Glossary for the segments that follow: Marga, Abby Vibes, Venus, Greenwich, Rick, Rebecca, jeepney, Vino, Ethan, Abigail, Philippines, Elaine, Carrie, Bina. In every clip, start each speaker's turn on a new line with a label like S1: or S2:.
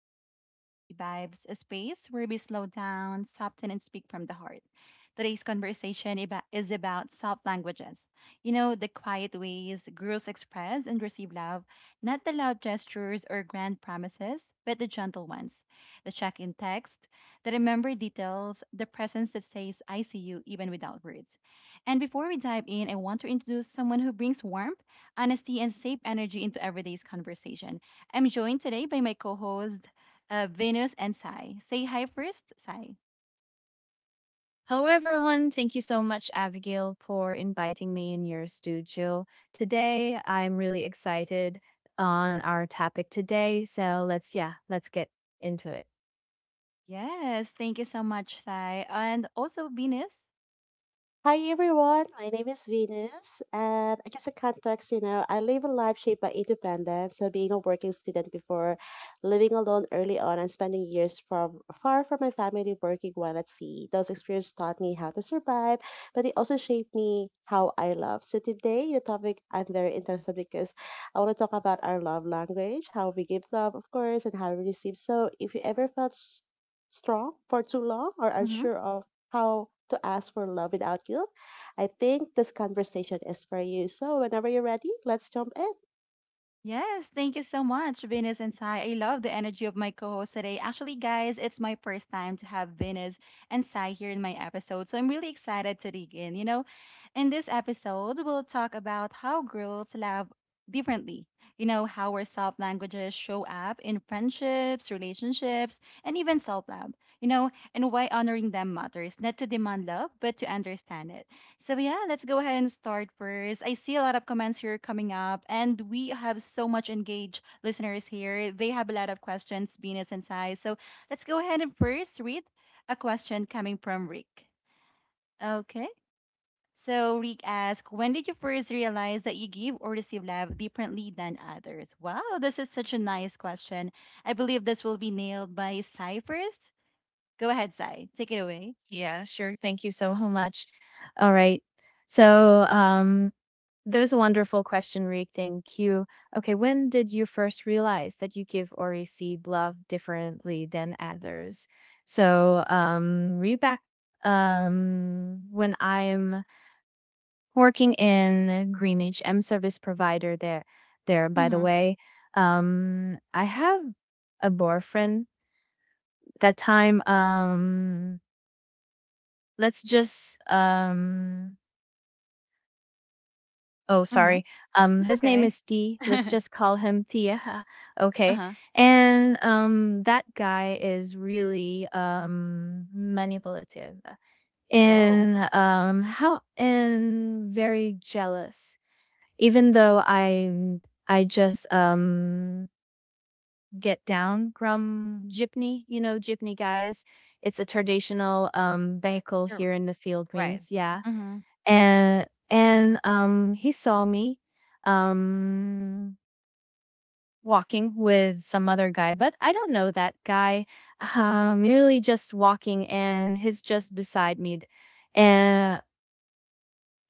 S1: Welcome back to Abby Vibes, a space where we slow down, soften, and speak from the heart. Today's conversation is about soft languages. You know, the quiet ways girls express and receive love, not the loud gestures or grand promises, but the gentle ones. The check in text, the remembered details, the presence that says, I see you, even without words. And before we dive in, I want to introduce someone who brings warmth, honesty, and safe energy into everyday's conversation. I'm joined today by my co host, Venus and Sai. Say hi first, Sai.
S2: Hello, everyone. Thank you so much, Abigail, for inviting me in your studio. Today, I'm really excited on our topic today. So let's get into it.
S1: Yes, thank you so much, Sai. And also, Venus.
S3: Hi everyone, my name is Venus, and I guess a context, you know, I live a life shaped by independence. So being a working student before, living alone early on, and spending years from far from my family, working while at sea. Those experiences taught me how to survive, but they also shaped me how I love. So today, the topic I'm very interested because I want to talk about our love language, how we give love, of course, and how we receive. So if you ever felt strong for too long or unsure of how to ask for love without guilt. I think this conversation is for you. So, whenever you're ready, let's jump in.
S1: Yes, thank you so much, Venus and Sai. I love the energy of my co-host today. Actually, guys, it's my first time to have Venus and Sai here in my episode, so I'm really excited to dig in. You know, in this episode, we'll talk about how girls love differently. You know, how our soft languages show up in friendships, relationships, and even self-love. You know, and why honoring them matters, not to demand love, but to understand it. So yeah, let's go ahead and start first. I see a lot of comments here coming up, and we have so much engaged listeners here. They have a lot of questions, Venus and Sai. So let's go ahead and first read a question coming from Rick. Okay. So Rick asks, when did you first realize that you give or receive love differently than others? Wow, this is such a nice question. I believe this will be nailed by Sai first. Go ahead, Sai. Take it away.
S2: Yeah, sure. Thank you so much. All right. So, there's a wonderful question, Rick. Thank you. Okay, when did you first realize that you give or receive love differently than others? So, Rebecca, when I'm working in Greenwich. I'm service provider there. There, by the
S1: Mm-hmm.
S2: way, I have a boyfriend. That time, let's just oh,
S1: Mm-hmm.
S2: sorry,
S1: It's
S2: his name
S1: okay.
S2: is T. Let's just call him Tia. Okay,
S1: Uh-huh.
S2: and that guy is really manipulative,
S1: Oh.
S2: and how, and very jealous, even though I just get down from jeepney, jeepney guys. It's a traditional vehicle
S1: You're
S2: here in the
S1: right.
S2: Philippines, yeah.
S1: Mhm.
S2: And he saw me um walking with some other guy, but I don't know that guy. Really just walking, and he's just beside me. And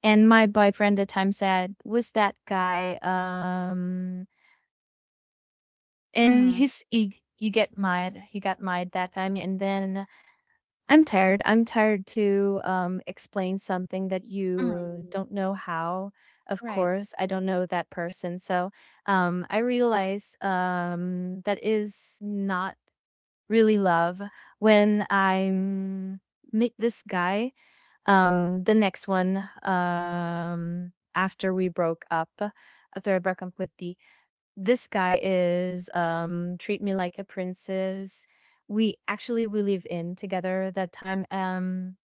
S2: and my boyfriend at the time said, "Was that guy um
S1: Mhm.
S2: and
S1: Mhm.
S2: he, you get mad he got mad that time." And then I'm tired to explain something that
S1: Mhm.
S2: you
S1: Mm.
S2: don't know how. Of
S1: Right.
S2: course, I don't know that person, so I realize that is not really love. When I'm meet this guy, the next one, after we broke up, after I broke up with D, this guy is, treat me like a princess. We actually we live in together that time.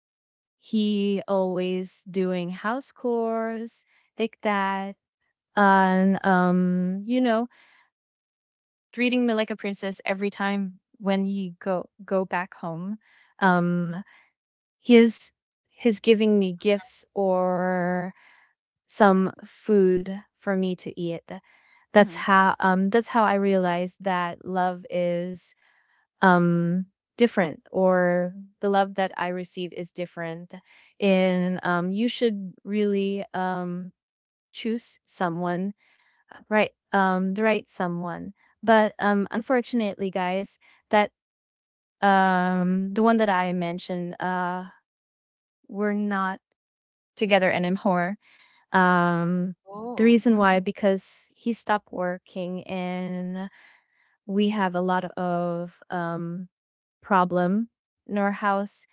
S2: He always doing house chores, like that. And, treating me like a princess every time when he go back home. um his, giving me gifts or some food for me to eat. that's
S1: Mhm.
S2: how um that's how I realized that love is um different, or the love that I receive is different. And you should really choose someone, right, the right someone. But unfortunately, guys, that, the one that I mentioned, we're not together anymore. um the
S1: Oh.
S2: reason why,
S1: Mhm.
S2: because he stopped working, and we have a lot of, problem in our house.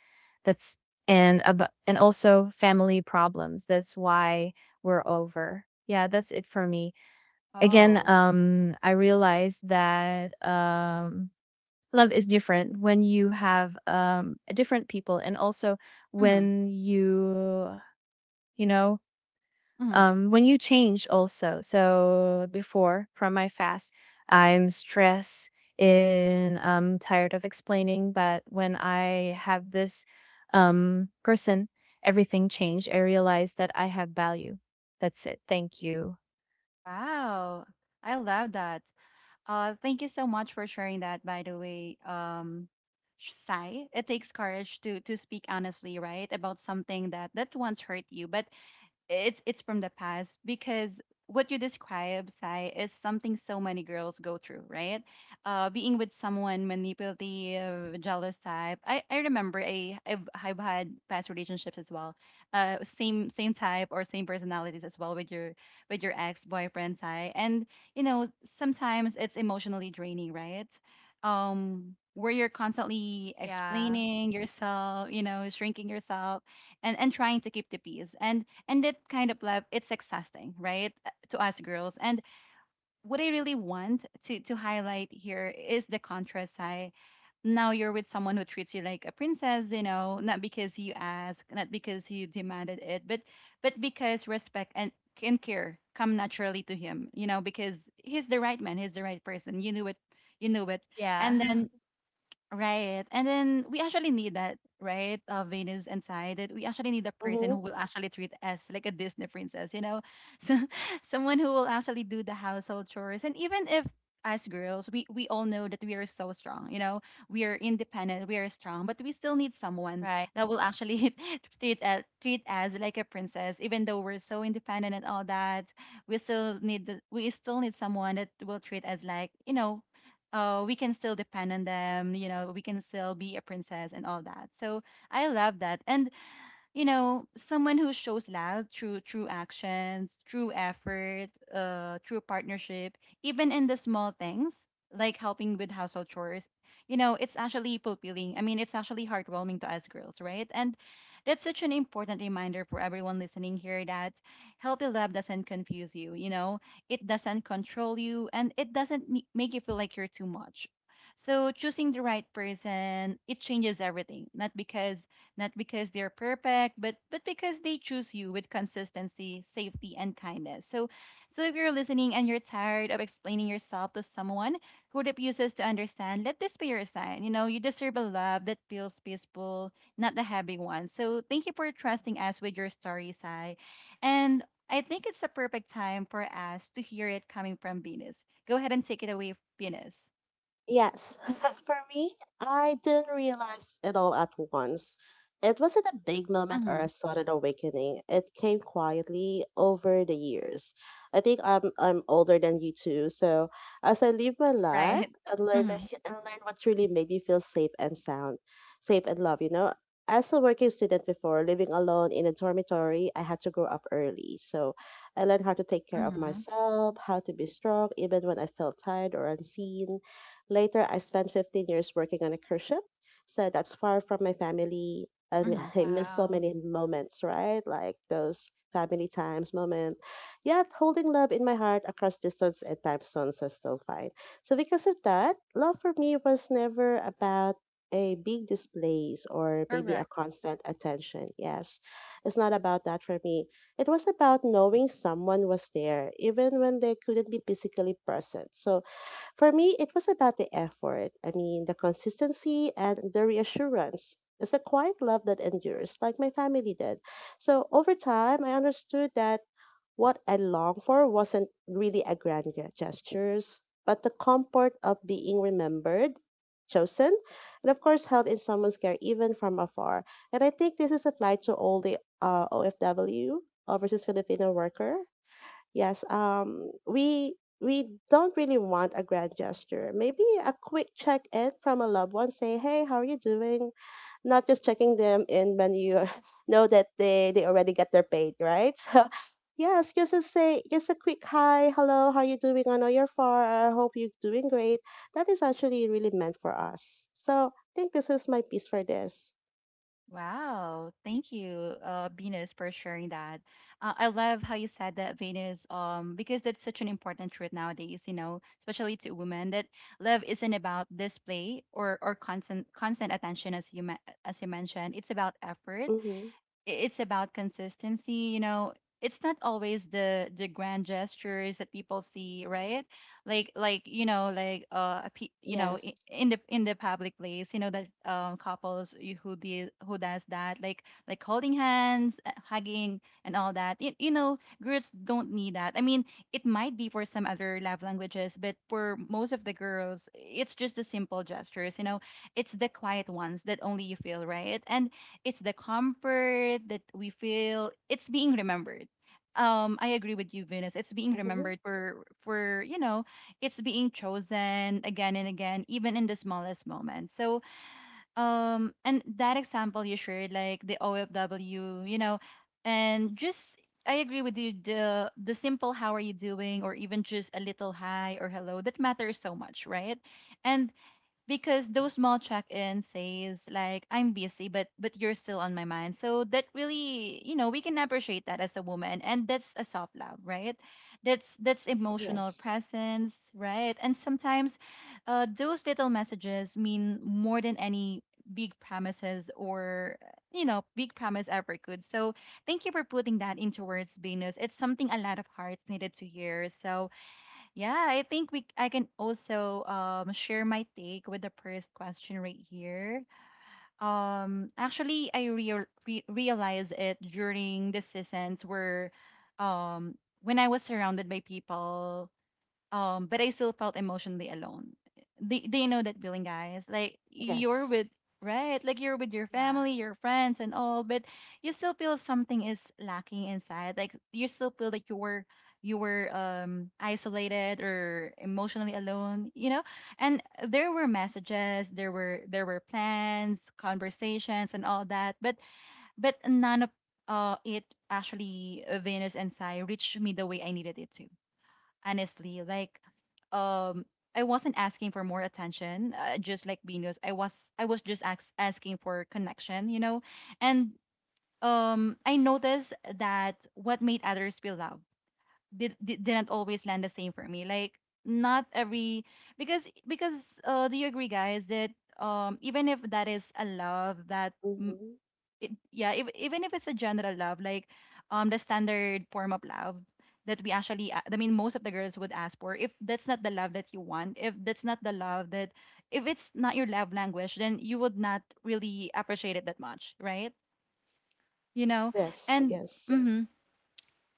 S2: That's and ab- and also family problems, that's why we're over. Yeah, that's it for me. Again,
S1: Oh.
S2: I realized that, love is different when you have different people, and also
S1: Mhm.
S2: when you you know
S1: Mhm.
S2: when you change also. So, before from my fast, I'm stressed and I'm tired of explaining. But when I have this, person, everything changed. I realized that I have value. That's it. Thank you.
S1: Wow. I love that. Thank you so much for sharing that. By the way, Sai, it takes courage to speak honestly, right, about something that once hurt you, but it's from the past, because what you describe, Sai, is something so many girls go through, right? Being with someone manipulative, jealous type. I remember I've had past relationships as well, same type or same personalities as well with your ex boyfriend, Sai. And you know, sometimes it's emotionally draining, right? Where you're constantly
S2: Yeah.
S1: explaining yourself, you know, shrinking yourself, and trying to keep the peace, and that kind of love, it's exhausting, right? To us girls. And what I really want to highlight here is the contrast. I Now you're with someone who treats you like a princess, you know, not because you ask, not because you demanded it, but because respect and care come naturally to him, you know, because he's the right man, he's the right person. You knew it, you knew it.
S2: Yeah.
S1: And then, right. And then we actually need that, right? Venus and Sai, that we actually need a person
S3: Mm-hmm.
S1: who will actually treat us like a Disney princess, you know? So someone who will actually do the household chores. And even if, as girls, we all know that we are so strong, you know, we are independent, we are strong, but we still need someone
S2: Right.
S1: that will actually treat us like a princess, even though we're so independent and all that. We still need we still need someone that will treat us like, you know, oh, we can still depend on them, you know, we can still be a princess and all that. So I love that. And you know, someone who shows love through actions, through effort, through partnership, even in the small things like helping with household chores. You know, it's actually fulfilling. I mean, it's actually heartwarming to us girls, right? And that's such an important reminder for everyone listening here, that healthy love doesn't confuse you. You know, it doesn't control you, and it doesn't make you feel like you're too much. So choosing the right person, it changes everything. Not because not because they're perfect, but because they choose you with consistency, safety, and kindness. So if you're listening and you're tired of explaining yourself to someone who refuses to understand, let this be your sign. You know, you deserve a love that feels peaceful, not the heavy one. So, thank you for trusting us with your story, Sai. And I think it's a perfect time for us to hear it coming from Venus. Go ahead and take it away, Venus.
S3: Yes, for me, I didn't realize it all at once. It wasn't a big moment or a
S1: Mm-hmm.
S3: sudden awakening. It came quietly over the years. I think I'm older than you too. So as I live my life
S1: Right.
S3: and learn
S1: Mm-hmm.
S3: and learn what truly made me feel safe and sound, safe and love, you know. As a working student before, living alone in a dormitory, I had to grow up early. So I learned how to take care of
S1: Mm-hmm.
S3: myself, how to be strong even when I felt tired or unseen. Later, I spent 15 years working on a cruise ship. So that's far from my family. I, m-
S1: Mm-hmm.
S3: I miss so
S2: Wow.
S3: many moments, right? Like those family times moment. Yet, holding love in my heart across distance and time zones is still fine. So, because of that, love for me was never about a big displays or maybe a
S1: Correct.
S3: constant attention. Yes, it's not about that for me. It was about knowing someone was there, even when they couldn't be physically present. So for me, it was about the effort. I mean, the consistency and the reassurance. It's a quiet love that endures, like my family did. So over time, I understood that what I longed for wasn't really a grand gestures, but the comfort of being remembered, chosen, and of course held in someone's care, even from afar. And I think this is applied to all the OFW, overseas Filipino worker. Yes, we don't really want a grand gesture. Maybe a quick check-in from a loved one, say, "Hey, how are you doing?" Not just checking them in when you know that they already get their paid, right? So, yes, just to say just a quick hi, hello, how are you doing? I know you're far. I hope you're doing great. That is actually really meant for us. So, I think this is my piece for this.
S1: Wow, thank you, Venus, for sharing that. I love how you said that, Venus, because that's such an important truth nowadays, you know, especially to women, that love isn't about display or constant attention, as you as you mentioned. It's about effort,
S3: Mm-hmm.
S1: it's about consistency, you know. It's not always the grand gestures that people see, right? Like, you know, like uh, you know,
S3: Yes.
S1: in the, in the public place. You know that, um, couples who do who does that, like, holding hands, hugging and all that. You know, girls don't need that. I mean, it might be for some other love languages, but for most of the girls, it's just the simple gestures, you know. It's the quiet ones that only you feel, right? And it's the comfort that we feel, it's being remembered. Um, I agree with you, Venus, it's being
S3: Mm-hmm.
S1: remembered for you know, it's being chosen again and again, even in the smallest moments. So um, and that example you shared, like the OFW, you know, and just, I agree with you, the simple how are you doing, or even just a little hi or hello, that matters so much, right? And because those small
S3: Yes.
S1: check-in says like, I'm busy, but you're still on my mind. So that really, you know, we can appreciate that as a woman, and that's a soft love, right? That's emotional
S3: Yes.
S1: presence, right? And sometimes, uh, those little messages mean more than any big promises, or you know, big promise ever could. So thank you for putting that into words, Venus. It's something a lot of hearts needed to hear. So yeah, I think we I can also um, share my take with the first question right here. Um, actually I realized it during the seasons where um, when I was surrounded by people, um, but I still felt emotionally alone. They know that feeling, guys, like you're
S3: Yes.
S1: with, right, like you're with your
S2: Yeah.
S1: family, your friends, and all, but you still feel something is lacking inside, like you still feel that you were um, isolated or emotionally alone, you know. And there were messages, there were plans, conversations, and all that, but none of uh, it actually Venus and Sai reached me the way I needed it to, honestly. Like, um, I wasn't asking for more attention, just like Venus. I was just asking for connection, you know. And I noticed that what made others feel loved didn't always land the same for me. Like, not every, because do you agree, guys, that even if that is a love that,
S3: Mm-hmm.
S1: it, yeah, if, even if it's a general love, like um, the standard form of love that we actually, I mean, most of the girls would ask for. If that's not the love that you want, if that's not the love that, if it's not your love language, then you would not really appreciate it that much, right? You know,
S3: Yes.
S1: and.
S3: Yes.
S1: Mhm.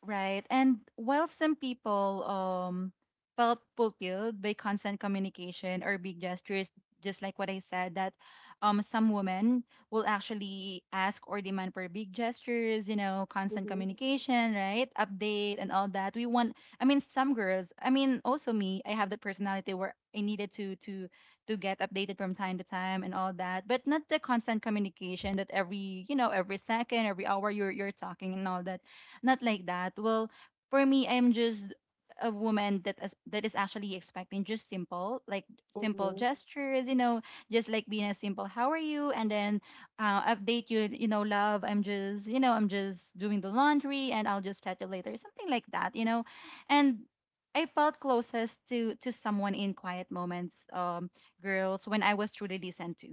S1: Right. And while some people um, felt fulfilled by constant communication or big gestures, just like what I said, that um, some women will actually ask or demand for big gestures, you know, constant
S3: Mm-hmm.
S1: communication, right? Update and all that. We want, I mean some girls, I mean also me, I have the personality where I needed to get updated from time to time and all that, but not the constant communication that every, you know, every second, every hour you're talking and all that, not like that. Well, for me, I'm just a woman that is actually expecting just simple, like simple
S3: Mm-hmm.
S1: gestures, you know, just like being a simple "How are you?" and then update you, you know, love. I'm just, you know, I'm just doing the laundry, and I'll just chat you later, something like that, you know, and. I felt closest to someone in quiet moments, girls, when I was truly listened to,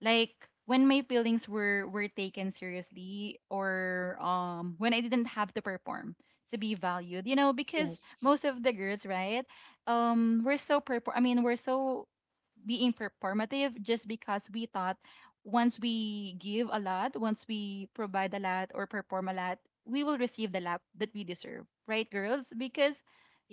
S1: like when my feelings were taken seriously, or when I didn't have to perform to be valued, because
S3: Yes.
S1: most of the girls, right? I mean, we're so being performative just because we thought once we give a lot, once we provide a lot or perform a lot, we will receive the lap that we deserve, right, girls?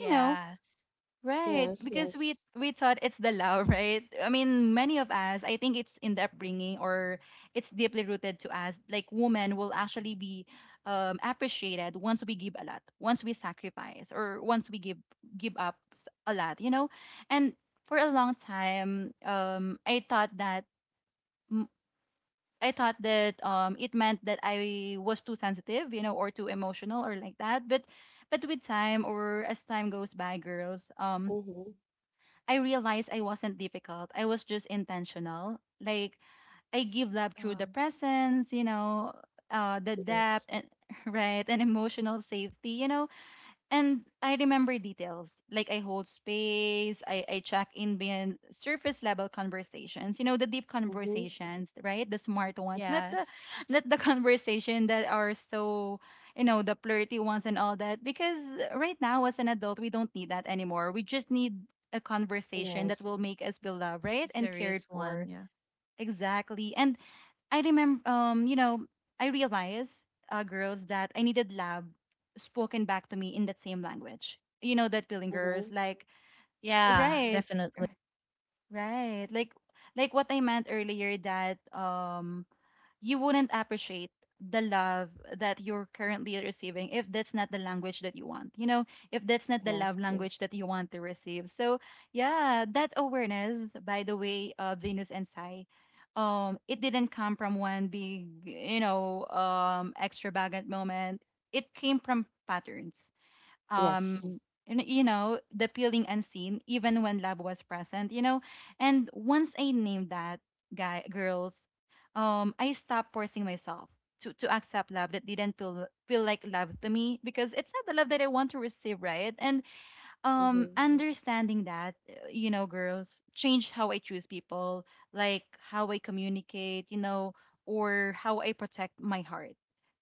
S1: you know, Right,
S3: Yes.
S1: because we
S3: Yes.
S1: we thought it's the law, right? I mean, many of us, I think it's in the upbringing, or it's deeply rooted to us. Like women will actually be appreciated once we give a lot, once we sacrifice, or once we give up a lot, you know. And for a long time, I thought that m- I thought that, it meant that I was too sensitive, you know, or too emotional, or like that. But with time, or as time goes by, girls,
S3: Mm-hmm.
S1: I realized I wasn't difficult. I was just intentional. Like I give love through the
S2: Oh,
S1: presence, you know, the depth
S3: Yes.
S1: and right and emotional safety. You know, and I remember details. Like I hold space, I check in beyond surface level conversations. You know, the deep
S3: Mm-hmm.
S1: conversations, right? The smart ones. Not the
S2: yes. It's
S1: not the conversation that are so, you know, the flirty ones and all that. Because right now as an adult, we don't need that anymore. We just need a conversation that will
S3: Yes.
S1: make us beloved,
S2: a
S1: right? And cared
S2: serious one.
S1: for.
S2: Yeah.
S1: Exactly. And I remember, I realized, girls, that I needed lab spoken back to me in that same language. You know that feeling, girls.
S3: Mm-hmm.
S1: Like,
S2: Yeah. Mhm.
S1: right,
S2: Definitely.
S1: right. Like what I meant earlier, that you wouldn't appreciate the love that you're currently receiving if that's not the language that you want, you know, if that's not the
S3: Yes.
S1: love
S3: True.
S1: language that you want to receive. So yeah, that awareness, by the way, of Venus and Sai, it didn't come from one big, extravagant moment. It came from patterns,
S3: Yes.
S1: um and, the feeling unseen even when love was present. And once I named that guy, girls, I stopped forcing myself to accept love that didn't feel like love to me, because it's not the love that I want to receive, right? And
S3: Mm-hmm.
S1: understanding that, girls, change how I choose people, like how I communicate, or how I protect my heart,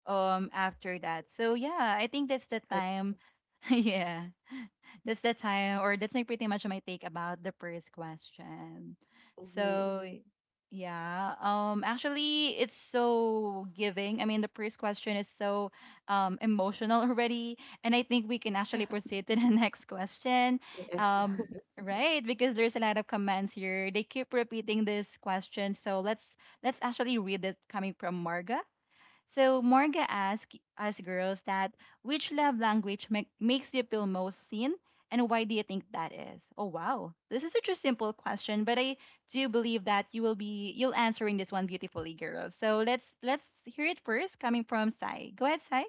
S1: after that. So yeah, I think that's the
S3: I.
S1: time. Yeah, that's the time, or that's my, pretty much, my take about the first question.
S3: Mm-hmm.
S1: So yeah, actually, it's so giving. I mean, the first question is so emotional already, and I think we can actually proceed to the next question.
S3: Yes.
S1: Um, right, because there's a lot of comments here. They keep repeating this question, so let's actually read it coming from Marga. So Morga asked us girls that which love language makes you feel most seen, and why do you think that is? Oh wow. This is such a simple question, but I do believe that you will be you'll answering this one beautifully, girls. So let's hear it first, coming from Sai. Go ahead, Sai.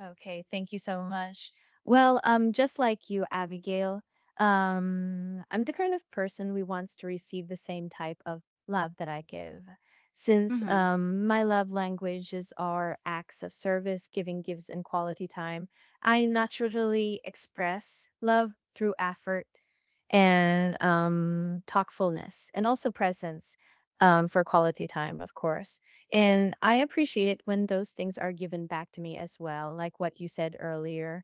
S2: Okay, thank you so much. Well, just like you, Abigail, I'm the kind of person who wants to receive the same type of love that I give. Since
S1: Mhm.
S2: my love languages are acts of service, giving gifts, and quality time, I naturally express love through effort and thoughtfulness, and also presence, for quality time, of course. And I appreciate it when those things are given back to me as well, like what you said earlier,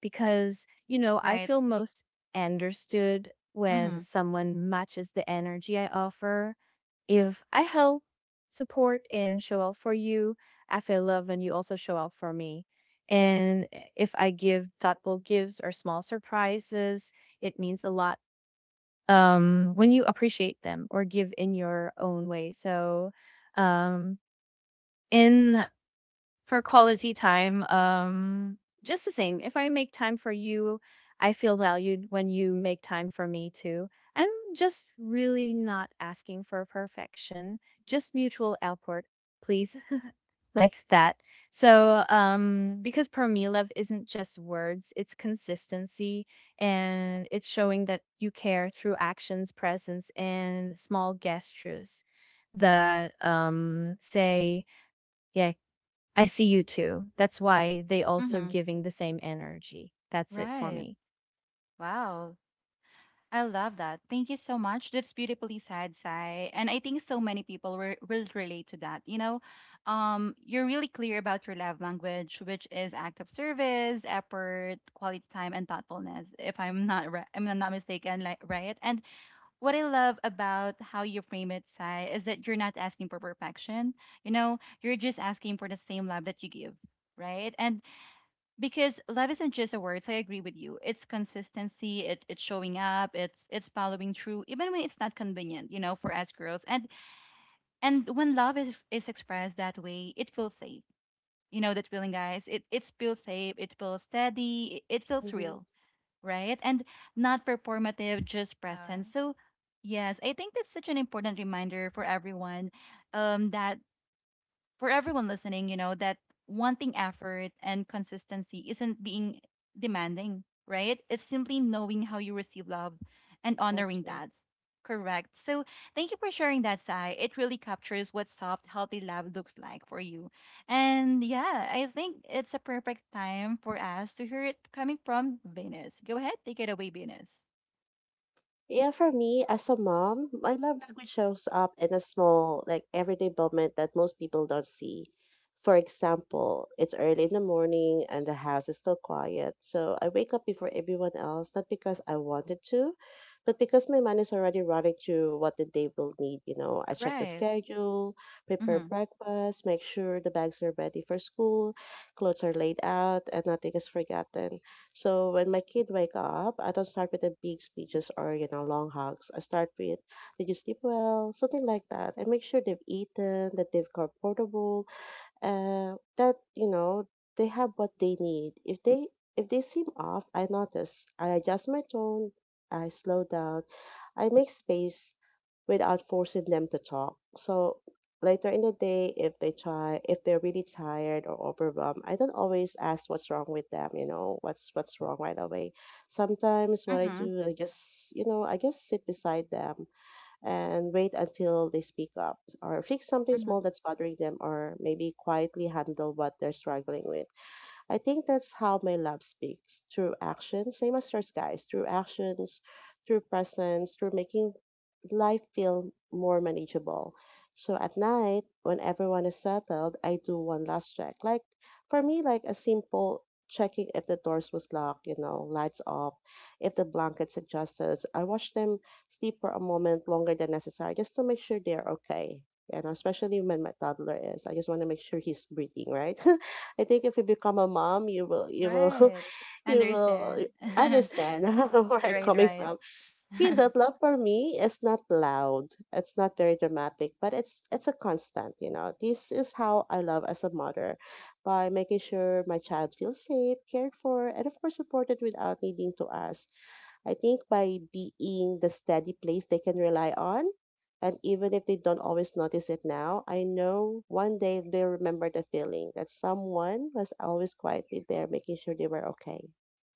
S2: because, I
S1: Right.
S2: feel most understood when
S1: Mhm.
S2: someone matches the energy I offer. If I help, support, and show up for you, I feel love when you also show up for me. And if I give thoughtful gifts or small surprises, it means a lot when you appreciate them or give in your own way. So, um, and for quality time, just the same. If I make time for you, I feel valued when you make time for me too. I'm just really not asking for perfection, just mutual output, please. Like that. So, because per me, love isn't just words. It's consistency, and it's showing that you care through actions, presence, and small gestures that say, yeah, I see you too. That's why they also
S1: Mhm.
S2: giving the same energy. That's it for
S1: Right.
S2: me.
S1: Wow. I love that. Thank you so much. That's beautifully said, Sai. And I think so many people were, will relate to that. You know, you're really clear about your love language, which is act of service, effort, quality time, and thoughtfulness. If I'm not, I'm not mistaken, like, right. And what I love about how you frame it, Sai, is that you're not asking for perfection. You know, you're just asking for the same love that you give, right? And because love isn't just a word. So I agree with you. It's consistency. It's showing up. It's following through, even when it's not convenient. You know, for us girls. And when love is expressed that way, it feels safe. You know that feeling, guys. It feels safe. It feels steady. It, it feels
S3: Mm-hmm.
S1: real, right? And not performative, just
S2: Uh,
S1: present. So yes, I think that's such an important reminder for everyone, that for everyone listening, you know, that wanting effort and consistency isn't being demanding, right? It's simply knowing how you receive love and
S3: That's
S1: honoring
S3: true.
S1: that. Correct. So thank you for sharing that, Sai. It really captures what soft, healthy love looks like for you. And yeah, I think it's a perfect time for us to hear it coming from Venus. Go ahead, take it away, Venus.
S3: Yeah, for me as a mom, my love language shows up in a small, like everyday moment that most people don't see. For example, it's early in the morning and the house is still quiet. So I wake up before everyone else, not because I wanted to, but because my mind is already running to what the day will need. You know, I check the
S1: Right.
S3: schedule, prepare
S1: Mm-hmm.
S3: breakfast, make sure the bags are ready for school, clothes are laid out, and nothing is forgotten. So when my kid wake up, I don't start with the big speeches or you know long hugs. I start with did you sleep well, something like that. I make sure they've eaten, that they've comfortable, that you know they have what they need. If they seem off, I notice. I adjust my tone. I slow down. I make space without forcing them to talk. So later in the day, if they try, if they're really tired or overwhelmed, I don't always ask what's wrong with them, you know, what's wrong right away. Sometimes what I
S1: Mm-hmm.
S3: do, I just, you know, I just sit beside them and wait until they speak up or fix something
S1: Mm-hmm.
S3: small that's bothering them or maybe quietly handle what they're struggling with. I think that's how my love speaks through action, same as yours guys, through actions, through presence, through making life feel more manageable. So at night, when everyone is settled, I do one last check. Like for me, like a simple checking if the doors was locked, you know, lights off, if the blankets adjusted. I watch them sleep for a moment longer than necessary just to make sure they're okay. You know, especially when my toddler is. I just want to make sure he's breathing, right? I think if you become a mom, you will
S1: Right.
S3: you will
S1: Understand.
S3: understand
S1: Right,
S3: where I'm coming
S1: right.
S3: from. Okay, that love for me is not loud. It's not very dramatic, but it's a constant, you know. This is how I love as a mother by making sure my child feels safe, cared for, and of course supported without needing to ask. I think by being the steady place they can rely on, and even if they don't always notice it now, I know one day they'll remember the feeling that someone was always quietly there making sure they were okay.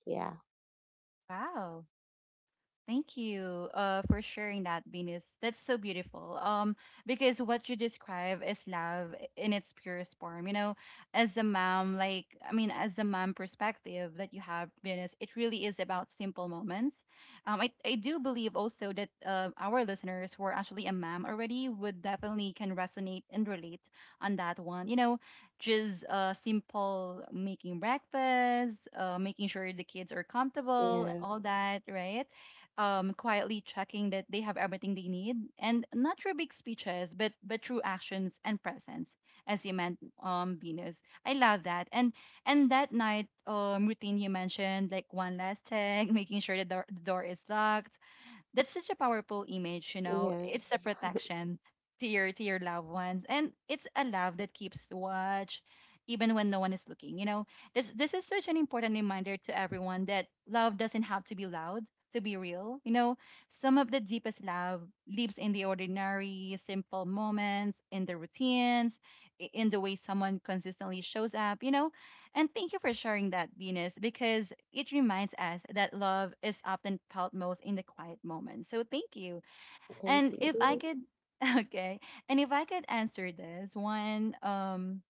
S3: Yeah.
S1: Wow. Thank you, for sharing that, Venus. That's so beautiful. Because what you describe is love in its purest form. You know, as a mom, like, I mean, as a mom perspective that you have, Venus, it really is about simple moments. I do believe also that, our listeners who are actually a mom already would definitely can resonate and relate on that one. You know, just, simple making breakfast, making sure the kids are comfortable,
S3: Yeah.
S1: all that, right? Quietly checking that they have everything they need, and not through big speeches, but through actions and presence, as you meant, Venus. I love that. And that night routine you mentioned, like one last check, making sure the door is locked, that's such a powerful image, you know. It's a
S3: Yes.
S1: protection to your loved ones, and it's a love that keeps watch even when no one is looking. You know, this is such an important reminder to everyone that love doesn't have to be loud to be real. You know, some of the deepest love lives in the ordinary, simple moments, in the routines, in the way someone consistently shows up. You know, and thank you for sharing that, Venus, because it reminds us that love is often felt most in the quiet moments. So thank you.
S3: Thank
S1: And if I
S3: you.
S1: could, okay, and if I could answer this one,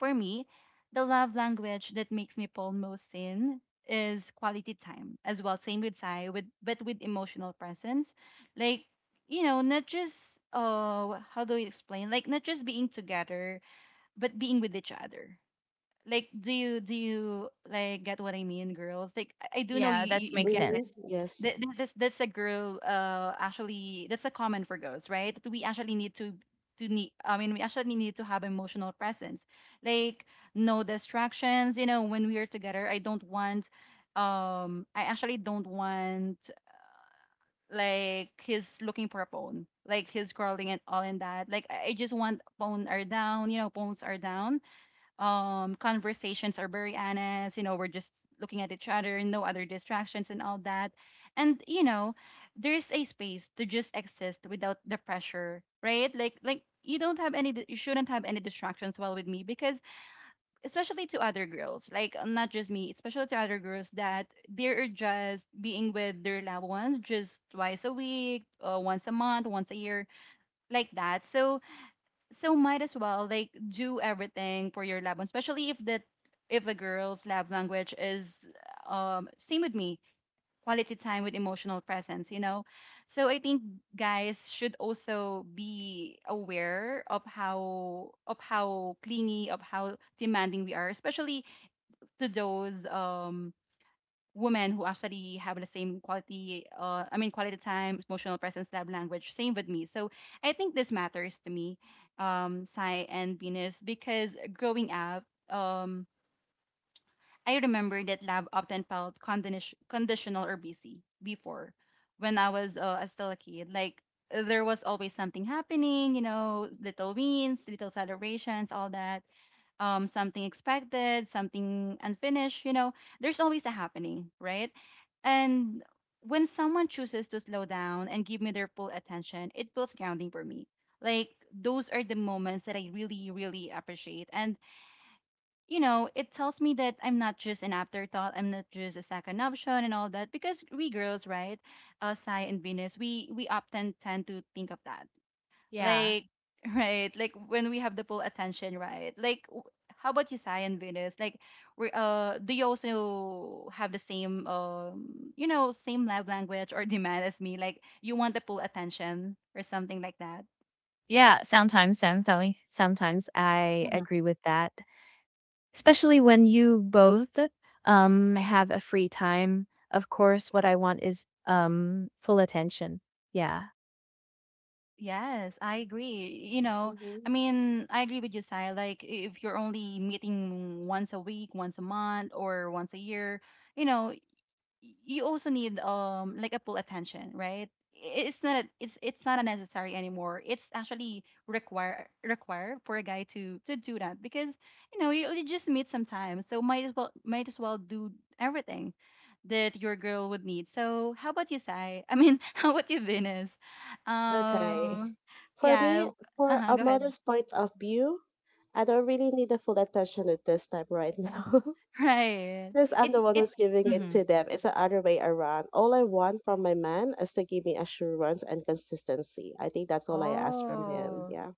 S1: for me, the love language that makes me pull most in is quality time as well. Same with Sai, with, but with emotional presence, like, you know, not just, how do you explain? Like not just being together, but being with each other, like, do you like, get what I mean, girls? Like, I do know
S2: yeah,
S1: you
S2: that
S1: you, you
S2: makes
S1: get it.
S3: Mm-hmm.
S2: sense.
S3: Yes.
S1: This, that's a girl, actually, that's a common for girls, right? That we actually need to need, I mean, we actually need to have emotional presence, like no distractions, you know. When we are together, I don't want, I actually don't want, like, he's looking for a phone, like he's scrolling and all and that. Like, I just want phone are down, you know, phones are down. Conversations are very honest, you know, we're just looking at each other, no other distractions and all that. And you know, there's a space to just exist without the pressure, right? Like you don't have any you shouldn't have any distractions while with me, because, especially to other girls, like, not just me, especially to other girls that they're just being with their loved ones, just twice a week, once a month, once a year, like that. So so might as well, like, do everything for your lab one, especially if the girl's lab language is same with me, quality time with emotional presence, you know. So I think guys should also be aware of how clingy, of how demanding we are, especially to those women who actually have the same quality, I mean, quality time emotional presence love language, same with me. So I think this matters to me, Sai and Venus, because growing up, um I remember that lab often felt conditional or busy before, when I was, still a kid. Like there was always something happening, you know, little wins, little celebrations, all that. Something expected, something unfinished, you know, there's always a happening, right? And when someone chooses to slow down and give me their full attention, it feels grounding for me. Like those are the moments that I really, really appreciate. And you know, it tells me that I'm not just an afterthought, I'm not just a second option and all that. Because we girls, right, Sai and Venus, we often tend to think of that,
S2: Yeah.
S1: like, right, like when we have the full attention, right? Like, how about you, Sai and Venus? Like, we, do you also have the same, you know, same love language or demand as me? Like, you want the full attention or something like that?
S2: Yeah, sometimes, I agree with that, especially when you both have a free time. Of course, what I want is full attention. Yeah.
S1: Yes, I agree. You know,
S3: Mm-hmm.
S1: I agree with you, Sai. Like, if you're only meeting once a week, once a month, or once a year, you know, you also need like a full attention, right? It's not a, it's not a necessary anymore. It's actually required for a guy to do that because you know you just meet sometimes, so might as well do everything that your girl would need. So how about you, Sai? How about you, Venus?
S3: Okay.
S1: Um,
S3: For
S1: yeah.
S3: me, for
S1: Uh-huh,
S3: a
S1: go ahead.
S3: mother's point of view, I don't really need the full attention at this time right now.
S1: Right.
S3: Because I'm
S1: It
S3: the one
S1: it.
S3: who's giving it
S1: Mm-hmm.
S3: to them. It's the other way around. All I want from my man is to give me assurance and consistency. I think that's all I ask from him.
S1: Oh.
S3: Yeah.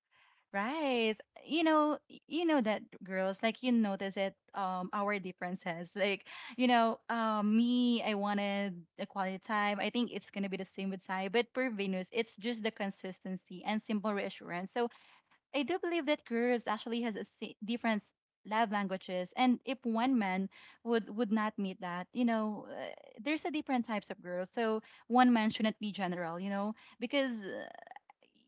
S1: Right. You know, you know that girls, like you notice it, our differences. Like, you know, me, I wanted the quality time. I think it's gonna be the same with Sai, but for Venus, it's just the consistency and simple reassurance. So I do believe that girls actually has a different love languages, and if one man would not meet that, you know, there's a different types of girls. So one man shouldn't be general, you know, because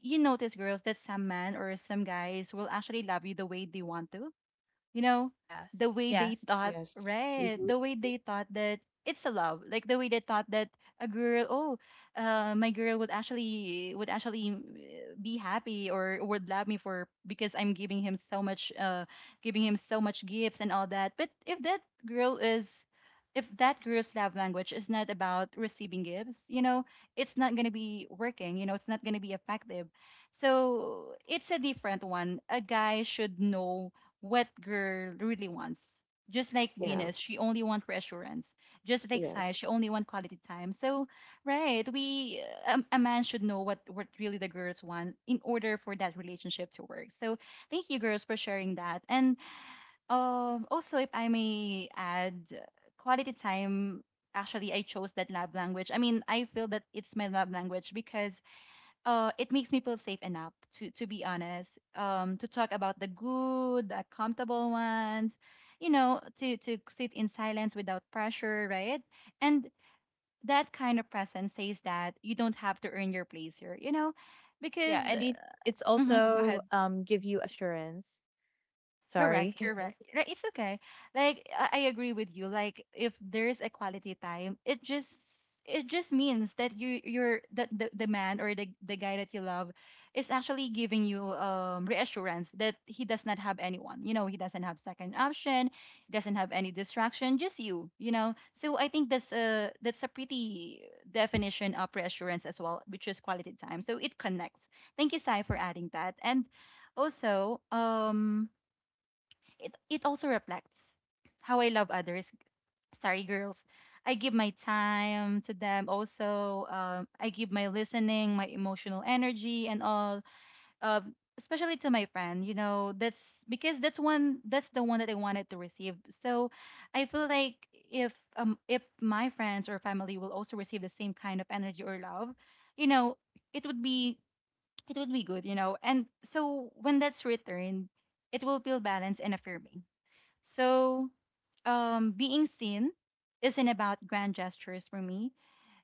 S1: you notice, girls, that some men or some guys will actually love you the way they want to, you know, the
S2: Yes,
S1: way they
S2: yes.
S1: thought,
S3: Yes.
S1: right,
S3: Mm-hmm.
S1: the way they thought that it's a love, like the way they thought that a girl, my girl would actually be happy or would love me for because I'm giving him so much giving him so much gifts and all that. But if that girl is, if that girl's love language is not about receiving gifts, you know, it's not going to be working, you know, it's not going to be effective. So it's a different one, a guy should know what girl really wants. Just like
S3: Yeah.
S1: Venus, she only wants reassurance. Just like Sai,
S3: Yes.
S1: she only wants quality time. So, right, we a man should know what really the girls want in order for that relationship to work. So, thank you girls for sharing that. And also, if I may add, quality time. Actually, I chose that love language. I mean, I feel that it's my love language because it makes me feel safe enough to be honest, to talk about the good, the accountable ones, you know, to sit in
S2: Yeah.
S1: silence without pressure, right? And that kind of presence says that you don't have to earn your place here, you know,
S2: Yeah,
S1: because
S2: and it's
S1: Mhm, go.
S2: also give you assurance.
S1: Correct,
S2: Sorry.
S1: correct. Right, it's okay. Like I agree with you. Like if there's a quality time, it just means that you you're that the man or the guy that you love is actually giving you reassurance that he does not have anyone. You know, he doesn't have second option, doesn't have any distraction, just you, you know. So I think that's a, that's a pretty definition of reassurance as well, which is quality time. So it connects. Thank you, Sai, for adding that. And also, it it also reflects how I love others. Sorry, girls. I give my time to them. Also, I give my listening, my emotional energy, and all. Uh, especially to my friend. You know, that's because that's one. That's the one that I wanted to receive. So, I feel like if my friends or family will also receive the same kind of energy or love, you know, it would be, it would be good. You know, and so when that's returned, it will feel balanced and affirming. So, being seen isn't about grand gestures for me.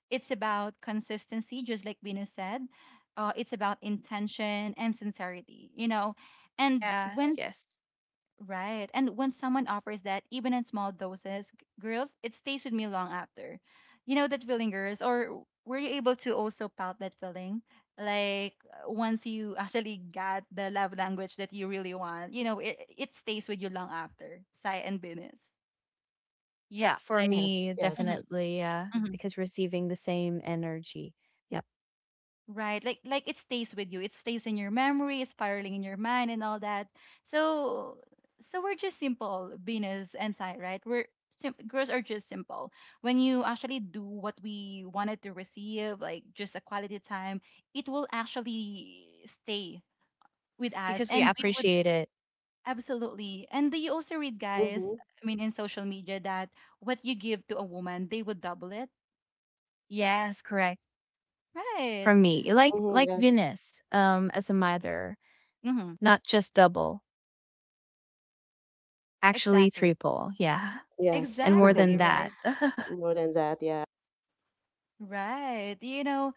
S1: It's about consistency, just like Bino said. It's about intention and sincerity, you know. And
S2: Yes,
S1: when
S2: yes.
S1: right. And when someone offers that, even in small doses, girls, it stays with me long after. You know that feeling, girls? Or were you able to also pout that feeling? Like once you actually got the love language that you really want, you know, it stays with you long after. Sai and Venus.
S2: Yeah. For
S1: Like,
S3: Yes.
S2: me,
S3: Yes.
S2: definitely, yeah.
S1: mhm,
S2: Because receiving the same energy. Yep.
S1: right. Like it stays with you. It stays in your memory, it's spiraling in your mind and all that. So, so we're just simple, Venus and Sai, right? Girls are just simple. When you actually do what we wanted to receive, like just a quality time, it will actually stay with us
S2: Because we
S1: and we would
S2: appreciate it.
S1: absolutely. And do you also read, guys,
S3: Mm-hmm.
S1: I mean in social media, that what you give to a woman, they would double it.
S2: Yes, correct.
S1: Right.
S2: From me. Like
S3: Mm-hmm.
S2: like
S3: Yes.
S2: Venus, as a mother,
S1: Mm-hmm.
S2: not just double, actually
S1: Exactly.
S2: triple, yeah.
S3: Yes.
S2: And more
S1: Exactly,
S2: than that.
S1: right?
S3: More than that. Yeah.
S1: Right. You know,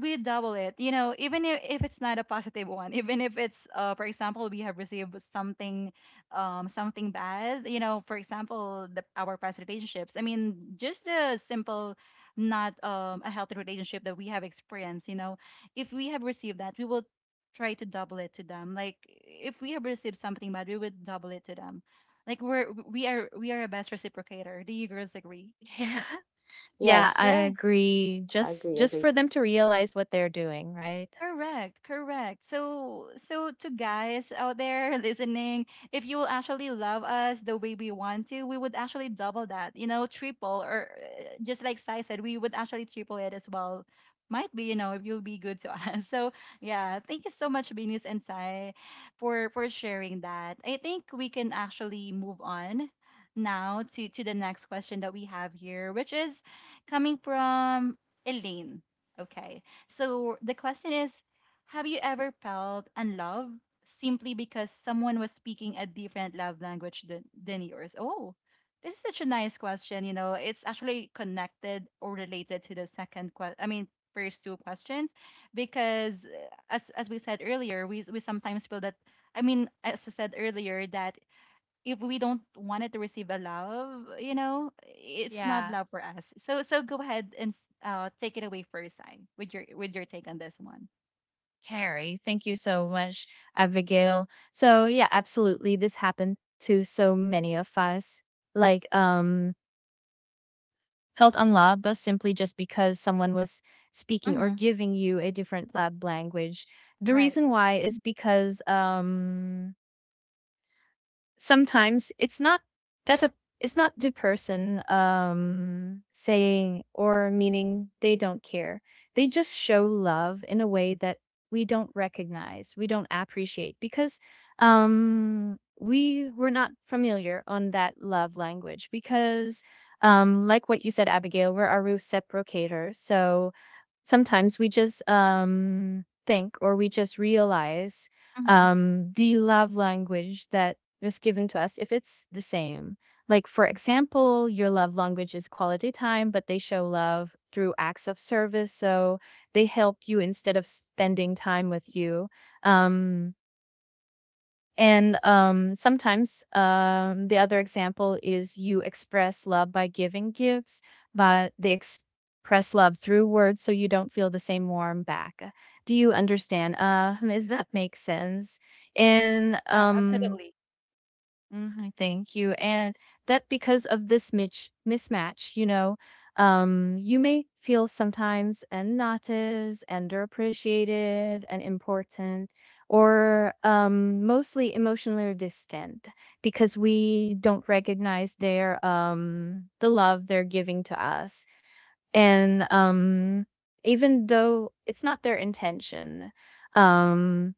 S1: we double it. You know, even if it's not a positive one, even if it's for example, we have received something, something bad, you know, for example, the our past relationships. I mean, just the simple, not a healthy relationship that we have experienced, you know, if we have received that, we will try to double it to them. Like if we have received something bad, we would double it to them. Like we are we are a best reciprocator. Do you girls agree?
S2: Yeah. Yeah, I
S3: Yes.
S1: Right.
S2: agree. Just
S3: Agree.
S2: just
S3: Agree.
S2: for them to realize what they're doing, right?
S1: Correct, correct. So, so to guys out there listening, if you will actually love us the way we want to, we would actually double that, you know, triple, or just like Sai said, we would actually triple it as well. Might be, you know, if you'll be good to us. So, yeah, thank you so much, Venus and Sai, for sharing that. I think we can actually move on now to the next question that we have here, which is coming from Elaine. Okay. So the question is, have you ever felt unloved simply because someone was speaking a different love language than yours? Oh, this is such a nice question. You know, it's actually connected or related to the second question. I mean, first two questions, because as we said earlier, we sometimes feel that, I mean as I said earlier, that if we don't want it to receive a love, you know, it's not
S2: Yeah.
S1: love for us. So so go ahead and take it away first, I with your take on this one.
S2: Carrie, thank you so much, Abigail. So, yeah, absolutely, this happened to so many of us. Like, felt unloved, but simply just because someone was speaking or
S1: Mm-hmm.
S2: giving you a different lab language. The
S1: Right.
S2: reason why is because, sometimes it's not that a, it's not the person saying or meaning they don't care. They just show love in a way that we don't recognize, we don't appreciate, because we were not familiar on that love language. Because like what you said, Abigail, we're a reciprocator. So sometimes we just think, or we just realize
S1: Mm-hmm.
S2: the love language that was given to us, if it's the same. Like, for example, your love language is quality time, but they show love through acts of service. So they help you instead of spending time with you. Um, and sometimes, the other example is you express love by giving gifts, but they express love through words, so you don't feel the same warm back. Do you understand? Does that make sense? And,
S1: Yeah, absolutely.
S2: mhm, thank you. And, that because of this mismatch, you may feel sometimes and not as underappreciated and important, or mostly emotionally distant, because we don't recognize the love they're giving to us, and, even though it's not their intention. Um,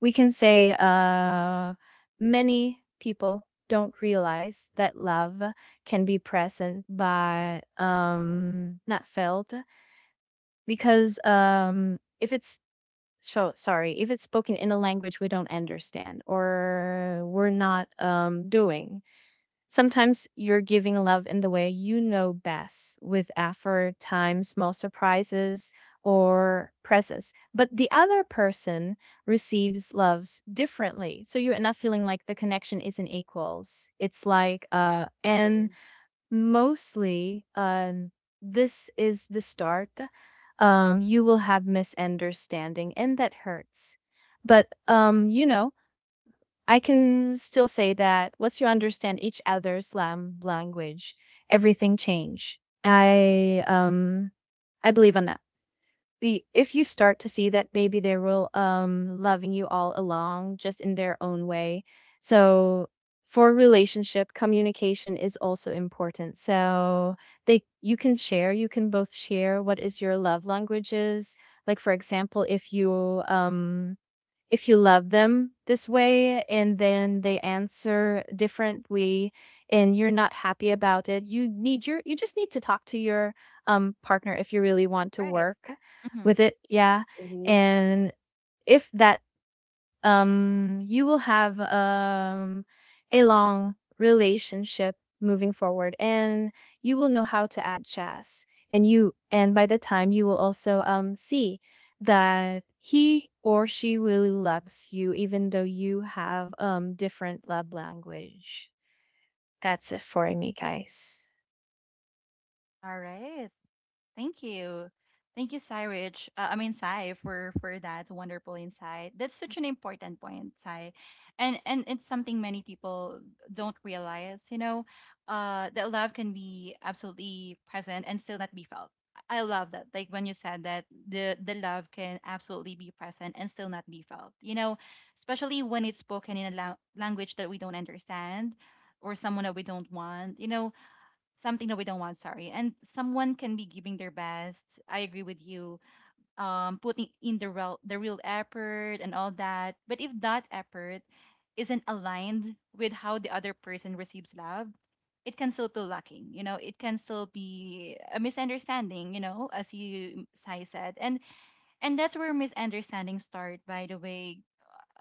S2: we can say, many people don't realize that love can be present but, not felt, because, if it's so sorry, if it's spoken in a language we don't understand, or we're not, doing. Sometimes you're giving love in the way you know best, with effort, time, small surprises, or presents. But the other person receives loves differently. So you end up feeling like the connection isn't equals. It's like, and
S3: Mm-hmm.
S2: mostly, this is the start. You will have misunderstanding, and that hurts. But, I can still say that once you understand each other's language, everything change. I believe on that. If you start to see that, maybe they will loving you all along, just in their own way. So for relationship, communication is also important. So, they you can share, you can both share what is your love languages. Like, for example, if you love them this way and then they answer different way, and you're not happy about it, you just need to talk to your partner, if you really want to
S1: Right.
S2: work
S1: Mm-hmm.
S2: with it, yeah.
S3: Mm-hmm.
S2: And if that, you will have, a long relationship moving forward, and you will know how to add chess. And, by the time, you will also see that he or she really loves you, even though you have different love language. That's it for me, guys.
S1: All right. Thank you. Thank you, Sai Rich. Sai, for that wonderful insight. That's such an important point, Sai, and it's something many people don't realize. You know, that love can be absolutely present and still not be felt. I love that. Like when you said that the love can absolutely be present and still not be felt. You know, especially when it's spoken in a language that we don't understand, or someone that we don't want. You know, something that we don't want, sorry, and someone can be giving their best, I agree with you, putting in the real effort and all that, but if that effort isn't aligned with how the other person receives love, it can still feel lacking, you know, it can still be a misunderstanding, you know, as you Sai said, and that's where misunderstandings start, by the way,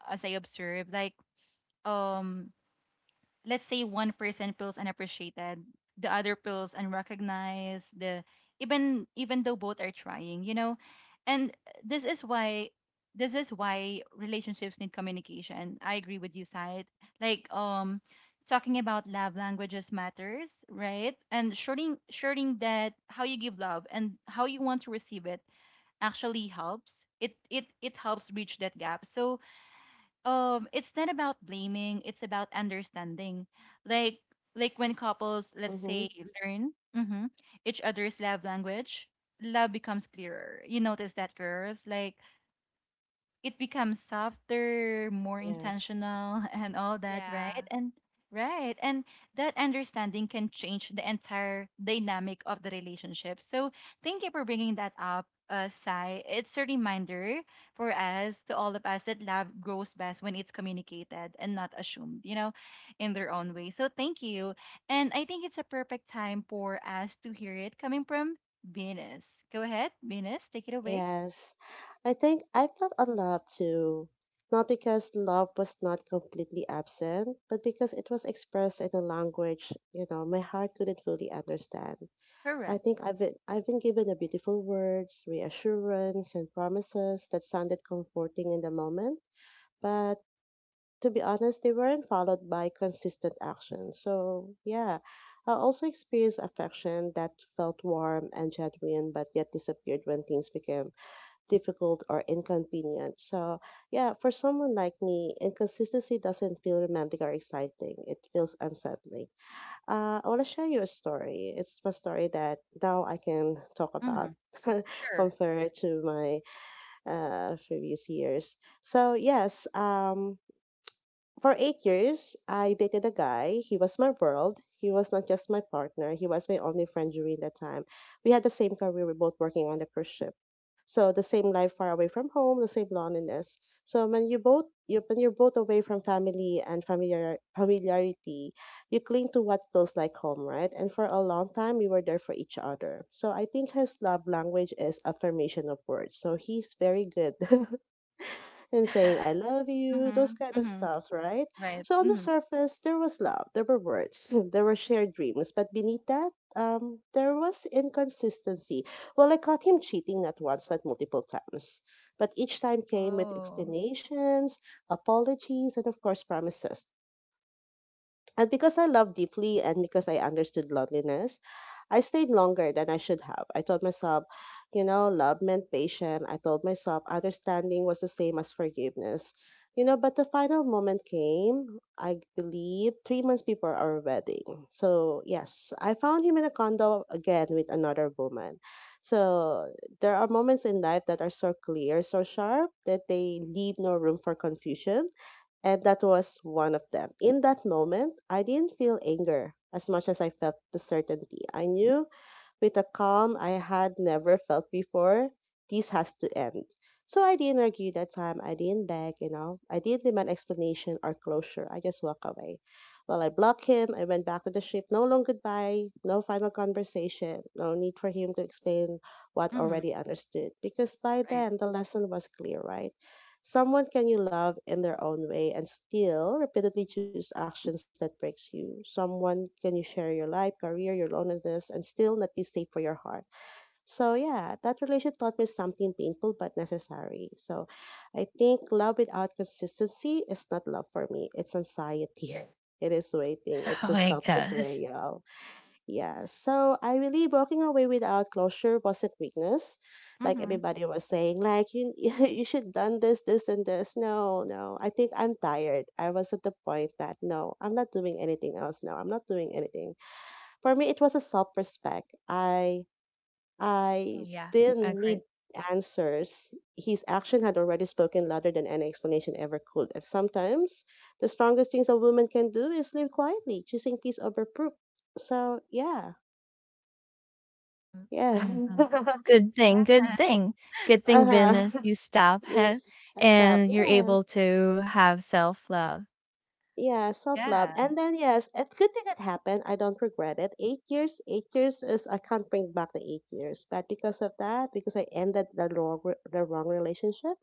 S1: as I observe. Like, um let's say one person feels unappreciated, the other feels unrecognized, the even though both are trying, you know. And this is why this is why relationships need communication. I agree with you, Said. Like talking about love languages matters, right? And showing that how you give love and how you want to receive it actually helps. It it helps bridge that gap. So it's not about blaming, it's about understanding. like like when couples, let's
S3: Mm-hmm.
S1: say, learn mhm, each other's love language, love becomes clearer. You notice that, girls? Like it becomes softer, more
S3: Yes.
S1: intentional, and all that,
S2: Yeah.
S1: right? And right, and that understanding can change the entire dynamic of the relationship. So thank you for bringing that up. Sai, it's a reminder for us, to all of us, that love grows best when it's communicated and not assumed, you know, in their own way. So thank you, and I think it's a perfect time for us to hear it coming from Venus. Go ahead, Venus, take it away.
S3: Yes. I think I felt unloved too. Not because love was not completely absent, but because it was expressed in a language, you know, my heart couldn't fully understand. I
S1: Correct.
S3: think I've been given the beautiful words, reassurance and promises that sounded comforting in the moment, but to be honest, they weren't followed by consistent action. So, yeah, I also experienced affection that felt warm and genuine, but yet disappeared when things became difficult or inconvenient. So, yeah, for someone like me, inconsistency doesn't feel romantic or exciting, it feels unsettling. I want to share you a story. It's a story that now I can talk
S1: Mm-hmm.
S3: about.
S1: Sure.
S3: Compared to my previous years, so yes, for 8 years, I dated a guy. He was my world. He was not just my partner, he was my only friend during that time. We had the same career, we were both working on a cruise ship. So the same life far away from home, the same loneliness. So when you both you when you're both away from family and familiarity, you cling to what feels like home, right? And for a long time we were there for each other. So I think his love language is affirmation of words. So he's very good and saying, I love you, those
S1: Mhm,
S3: kind of
S1: mhm,
S3: stuff, right?
S1: right,
S3: So on the
S1: mhm,
S3: surface, there was love, there were words, there were shared dreams, but beneath that, there was inconsistency. Well, I caught him cheating not once, but multiple times. But each time came with
S2: Oh.
S3: explanations, apologies, and of course, promises. And because I loved deeply and because I understood loneliness, I stayed longer than I should have. I told myself, you know, love meant patience. I told myself understanding was the same as forgiveness. You know, but the final moment came, I believe, 3 months before our wedding. So, yes, I found him in a condo again with another woman. So, there are moments in life that are so clear, so sharp, that they leave no room for confusion and that was one of them. In that moment, I didn't feel anger as much as I felt the certainty. I knew with a calm I had never felt before, this has to end. So I didn't argue that time. I didn't beg, you know. I didn't demand explanation or closure. I just walked away. Well, I blocked him. I went back to the ship. No long goodbye, no final conversation, no need for him to explain what
S1: mhm,
S3: already understood. Because by
S1: right,
S3: then, the lesson was clear, right? Someone can you love in their own way and still repeatedly choose actions that breaks you. Someone can you share your life, career, your loneliness, and still not be safe for your heart. So yeah, that relation taught me something painful but necessary. So I think love without consistency is not love for me. It's anxiety. It is waiting. It
S2: Oh
S3: is a
S2: my
S3: self
S2: gosh.
S3: betrayal. Yeah, so I believe walking away without closure wasn't weakness, like
S1: mhm.
S3: everybody was saying. Like you, you should done this, this, and this. No, I think I'm tired. I was at the point that no, I'm not doing anything else. No, I'm not doing anything. For me, it was a self-respect. I,
S2: Oh,
S3: I
S2: yeah.
S3: didn't need
S2: Agreed.
S3: answers. His action had already spoken louder than any explanation ever could. And sometimes, the strongest things a woman can do is live quietly, choosing peace over proof. So yeah.
S2: Mm,
S3: Yeah.
S2: mhm. Good
S1: Yeah,
S2: thing, good thing. Good thing,
S1: right,
S2: Venus,
S3: Uh-huh.
S2: you stop.
S3: Yes. I stopped.
S2: And you're
S3: Yes.
S2: able to have self-love.
S3: Yeah, self-love.
S1: yeah,
S3: And then yes, it's good thing it happened. I don't regret it. 8 years, 8 years is I can't bring back the 8 years. But because of that, because I ended the the wrong relationship,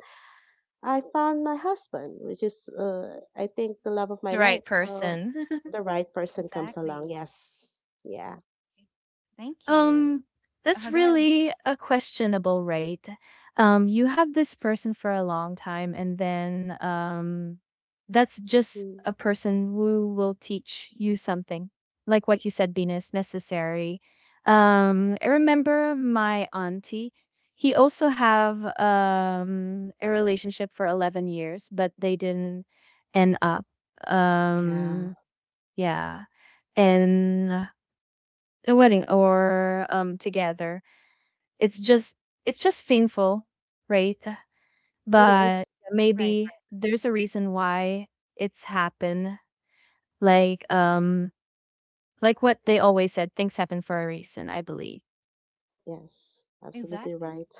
S3: I found my husband, which is I think the love of my
S2: The right
S3: life. So
S2: person.
S3: the right person comes along.
S1: exactly.
S3: Yes. Yeah.
S1: Thank you.
S2: Um, that's
S1: Go ahead.
S2: really a questionable rate. You have this person for a long time, and then, that's just
S3: Mm.
S2: a person who will teach you something, like what you said, Venus. Necessary. I remember my auntie. He also have a relationship for 11 years, but they didn't end up.
S3: Yeah.
S2: Um, yeah, and a wedding or together, it's just it's just painful, right?
S3: It is.
S2: But
S1: Right,
S2: maybe there's a reason why it's happened. Like um like what they always said, things happen for a reason, I believe.
S3: Yes.
S1: right,
S3: Absolutely
S1: exactly.
S3: right.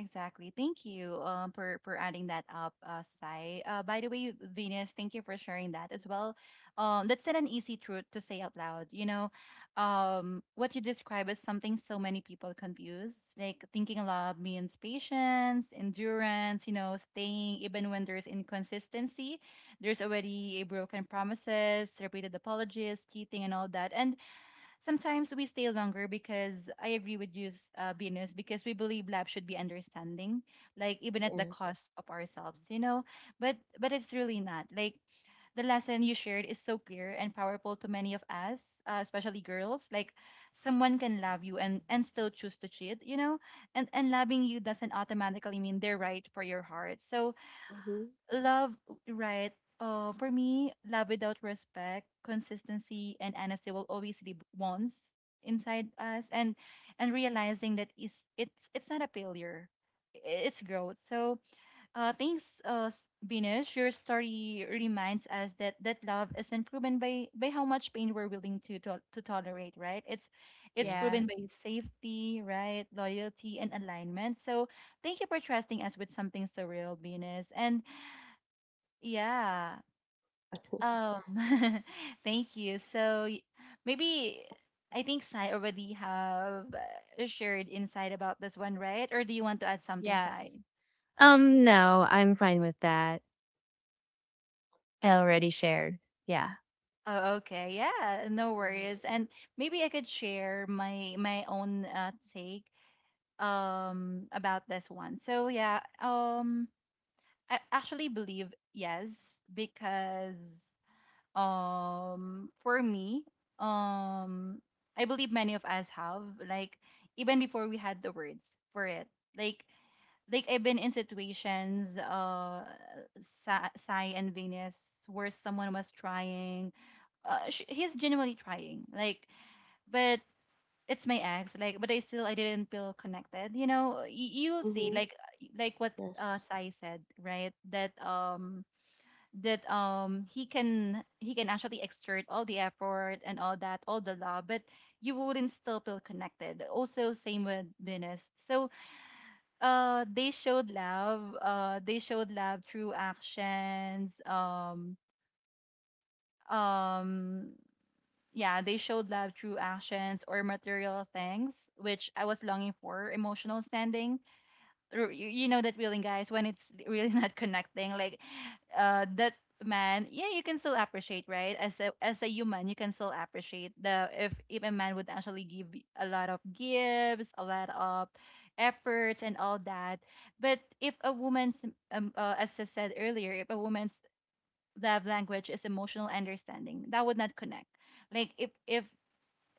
S1: Exactly. Thank you for adding that up, Sai. By the way, Venus, thank you for sharing that as well. That's not an easy truth to say out loud. You know, what you describe is something so many people confuse. Like thinking aloud means patience, endurance. You know, staying even when there's inconsistency. There's already a broken promises, repeated apologies, cheating, and all that. And sometimes we stay longer because I agree with you, Venus, because we believe love should be understanding, like even at the
S3: Yes.
S1: cost of ourselves, you know. But it's really not. Like the lesson you shared is so clear and powerful to many of us, especially girls. Like someone can love you and still choose to cheat, you know, and loving you doesn't automatically mean they're right for your heart. So
S3: Mm-hmm.
S1: love, right? For me, love without respect, consistency, and honesty will always be bonds inside us, and realizing that is it's not a failure, it's growth. So, thanks, Binish. Your story reminds us that that love isn't proven by how much pain we're willing to tolerate, right? It's
S3: Yes.
S2: Yes.
S1: proven by safety, right? Loyalty and alignment. So, thank you for trusting us with something so real, Venus, and yeah. Um, thank you. Maybe I think Sai already have shared insight about this one, right? Or do you want to add something, Sai?
S2: Yes. No, I'm fine with that. I already shared. Yeah.
S1: Oh, okay. Yeah, no worries. And maybe I could share my own take about this one. So yeah, I actually believe yes because for me um I believe many of us have like even before we had the words for it like I've been in situations sai and venus where someone was trying he's genuinely trying like but it's my ex like but I still I didn't feel connected you know you'll
S3: Mm-hmm.
S1: see like what
S3: Yes.
S1: sai said right that that he can actually exert all the effort and all that all the love but you wouldn't still feel connected also same with Venus so they showed love through actions um yeah they showed love through actions or material things which I was longing for emotional standing you you know that feeling guys when it's really not connecting like that man yeah you can still appreciate right as a human you can still appreciate the if a man would actually give a lot of gifts a lot of efforts and all that but if a woman's as I said earlier if a woman's love language is emotional understanding that would not connect like if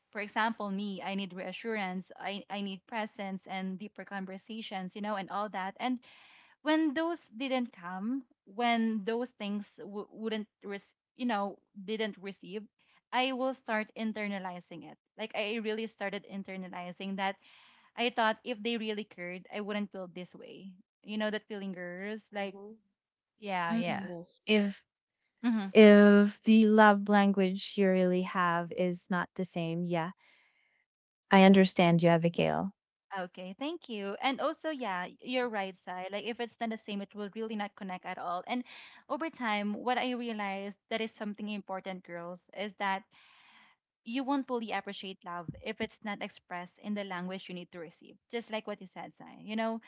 S1: for example me I need reassurance i need presence and deeper conversations you know and all that and when those didn't come, when those things w- wouldn't, res- you know, didn't receive, I will start internalizing it. Like I really started internalizing that I thought if they really cared, I wouldn't feel this way. You know that feeling, girls. Like,
S3: Mm-hmm.
S2: Yeah. Yeah.
S1: mm-hmm.
S3: Yes.
S2: If
S1: Mm-hmm.
S2: if the love language you really have is not the same, yeah. I understand you, Abigail.
S1: Okay, thank you. And also, yeah, you're right, Sai. Like if it's not the same, it will really not connect at all. And over time, what I realized that is something important, girls, is that you won't fully appreciate love if it's not expressed in the language you need to receive. Just like what you said, Sai. You know,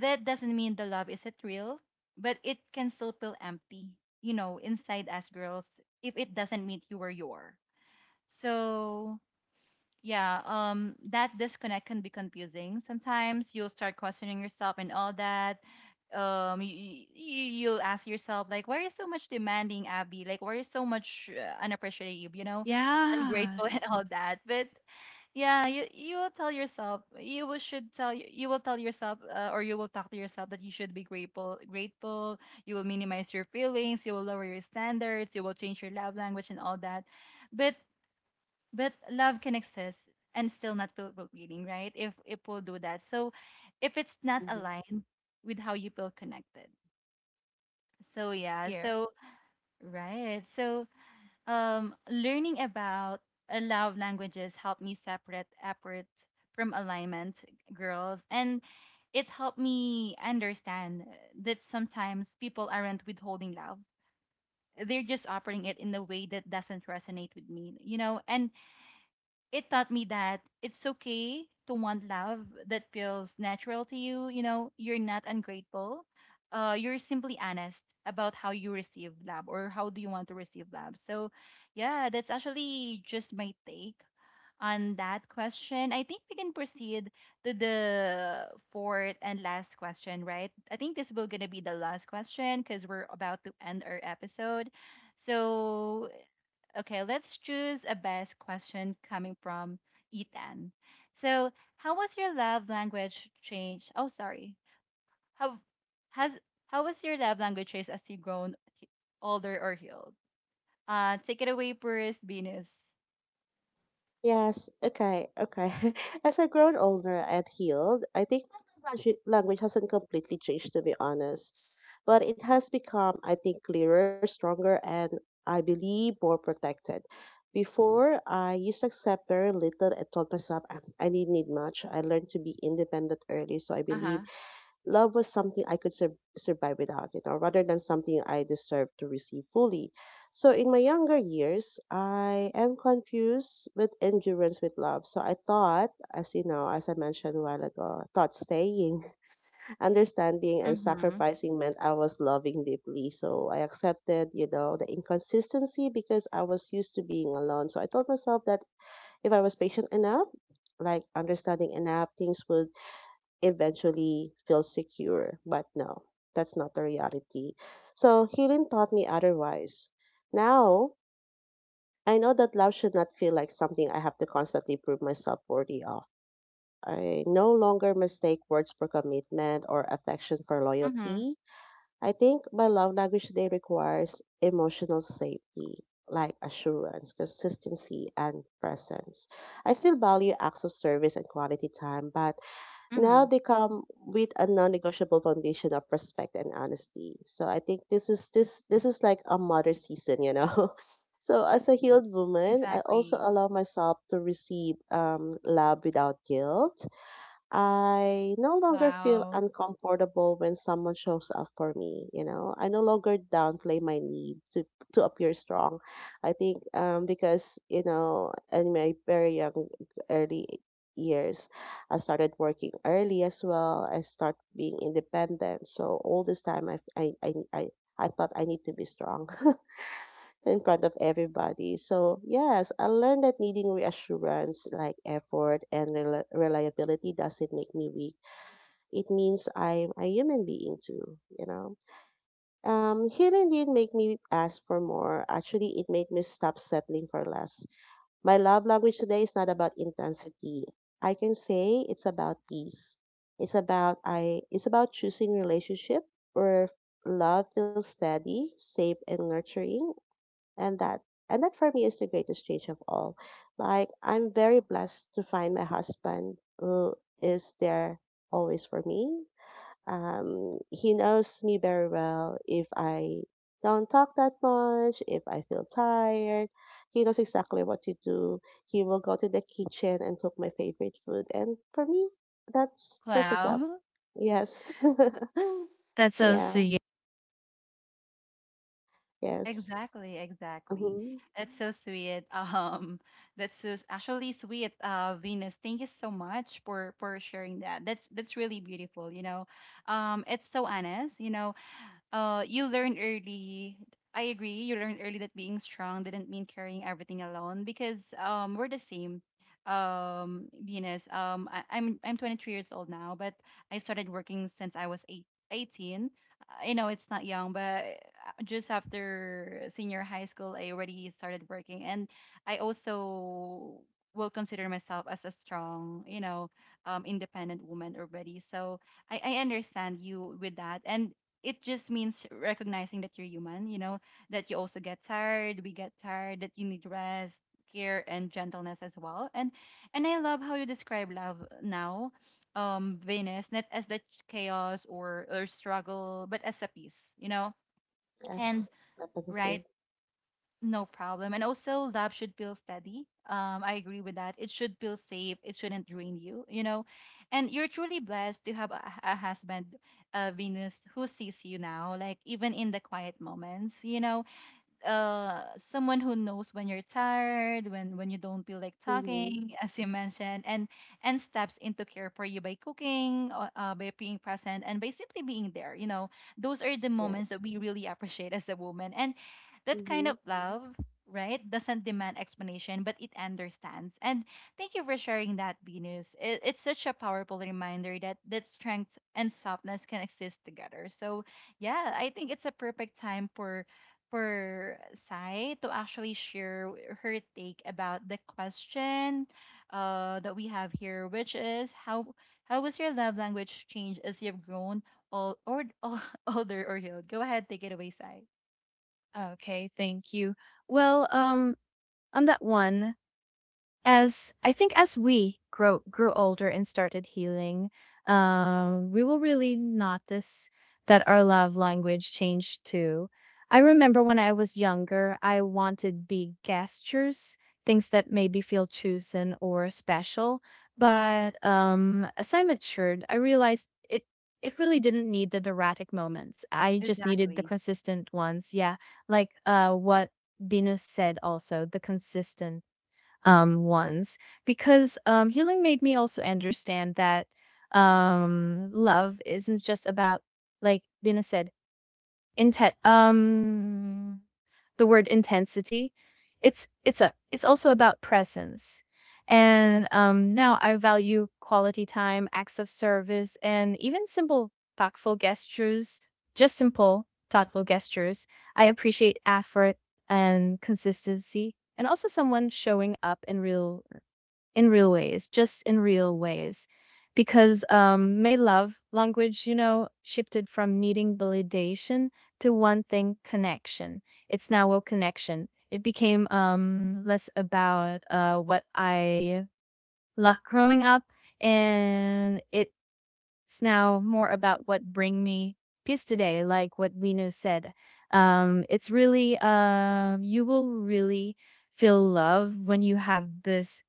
S1: that doesn't mean the love isn't real, but it can still feel empty, you know, inside us girls if it doesn't meet you where you are. So yeah, that disconnect can be confusing. Sometimes you'll start questioning yourself and all that. You you'll ask yourself like, why are you so much demanding, Abby? Like, why are you so much unappreciative? You know, ungrateful and
S2: Yes.
S1: all that. But yeah, you will tell yourself, you will should tell you, you will tell yourself, or you will talk to yourself that you should be grateful, grateful. You will minimize your feelings. You will lower your standards. You will change your love language and all that. But love can exist and still not feel meaning, right? If it will do that. So if it's not
S3: Mm-hmm.
S1: aligned with how you feel connected. So yeah,
S2: Here.
S1: so right. So learning about love languages helped me separate effort from alignment girls and it helped me understand that sometimes people aren't withholding love. They're just offering it in a way that doesn't resonate with me, you know, and it taught me that it's okay to want love that feels natural to you. You know, you're not ungrateful. You're simply honest about how you receive love or how do you want to receive love. So, yeah, that's actually just my take on that question. I think we can proceed to the fourth and last question, right? I think this will gonna be the last question because we're about to end our episode. So okay, let's choose a best question coming from Ethan. So, how was your love language change? Oh, sorry. How has how was your love language change as older or healed? Take it away, Purist Venus.
S3: Yes, okay, okay. As I've grown older and healed, I think my language hasn't completely changed, to be honest. But it has become, I think, clearer, stronger, and I believe more protected. Before, I used to accept very little and told myself I didn't need much. I learned to be independent early, so I
S1: Uh
S3: believe
S1: huh.
S3: love was something I could sur- survive without, you know, rather than something I deserved to receive fully. So in my younger years, I am confused with endurance with love. So I thought, as you know, as I mentioned a while ago, I thought staying, understanding, and
S1: Mm hmm.
S3: sacrificing meant I was loving deeply. So I accepted, the inconsistency because I was used to being alone. So I told myself that if I was patient enough, like understanding enough, things would eventually feel secure. But no, that's not the reality. So healing taught me otherwise. Now I know that love should not feel like something I have to constantly prove myself worthy of. I no longer mistake words for commitment or affection for
S1: Mm hmm.
S3: loyalty. I think my love language today requires emotional safety, like assurance, consistency, and presence. I still value acts of service and quality time, but
S1: Mm hmm.
S3: now they come with a non-negotiable foundation of respect and honesty. So I think this is like a mother season, you know. So as a healed woman, I also
S1: Exactly.
S3: allow myself to receive love without guilt. I no longer feel
S2: Cloud.
S3: uncomfortable when someone shows up for me, you know. I no longer downplay my need to appear strong. I think because, you know, in my very young early years, I started working early as well. I start being independent. So all this time I thought I need to be strong. In front of everybody. So, yes, I learned that needing reassurance like effort and rel- reliability doesn't make me weak. It means I'm a human being too, you know. Healing didn't make me ask for more. Actually, it made me stop settling for less. My love language today is not about intensity. I can say it's about peace. It's about I it's about choosing relationship where love feels steady, safe, and nurturing, and that for me is the greatest change of all. Like, I'm very blessed to find my husband, who is there always for me. He knows me very well. If I don't talk that much, if I feel tired, he knows exactly what to do. He will go to the kitchen and cook my favorite food, and for me, that's perfect
S2: Cloud.
S3: love. Yes.
S2: That's also,
S3: Yeah.
S2: yeah.
S3: Yes.
S1: Exactly, exactly.
S3: Hmm.
S1: That's so sweet. Um, Actually sweet. Venus, thank you so much for sharing that. That's really beautiful. You know, it's so honest. You know, you learn early. I agree. You learn early that being strong didn't mean carrying everything alone because we're the same. Venus. I'm 23 years old now, but I started working since I was 18. I know it's not young, but just after senior high school, I already started working, and I also will consider myself as a strong, you know, independent woman already. So I understand you with that, and it just means recognizing that you're human, you know, that you also get tired, we get tired, that you need rest, care and gentleness as well. And I love how you describe love now, Venus, not as the chaos or struggle, but as a peace, you know. And
S3: Yes, definitely.
S1: right, no problem. And also, love should feel steady. I agree with that. It should feel safe. It shouldn't drain you, you know. And you're truly blessed to have a husband, Venus, who sees you now, like even in the quiet moments, you know someone who knows when you're tired when you don't feel like
S3: Hmm.
S1: talking as you mentioned and steps into care for you by cooking by being present and by simply being there you know those are the moments that
S3: Yes.
S1: we really appreciate as a woman and that kind of
S3: Mm-hmm.
S1: love right doesn't demand explanation but it understands and thank you for sharing that venus it's such a powerful reminder that that strength and softness can exist together so yeah I think it's a perfect time for Sai to actually share her take about the question that we have here, which is how was your love language change as you've grown old or older or healed? Go ahead, take it away, Sai.
S2: Okay, thank you. Well, on that one, as I think, as we grow grew older and started healing, we will really notice that our love language changed too. I remember when I was younger, I wanted big gestures, things that made me feel chosen or special. But, as I matured, I realized it really didn't need the dramatic moments. I just needed the
S1: Exactly.
S2: consistent ones. Yeah, like, what Venus said also, the consistent, ones, because, healing made me also understand that, love isn't just about, like Bina said, intent the word intensity. It's also about presence. And, now I value quality time, acts of service, and even simple thoughtful gestures. Just simple thoughtful gestures, I appreciate effort and consistency, and also someone showing up in real, ways, just in real ways. Because, my love language, shifted from needing validation to one thing, connection. It's now a connection. It became, less about, what I loved growing up, and it's now more about what bring me peace today, like what Vino said. It's really, you will really feel love when you have this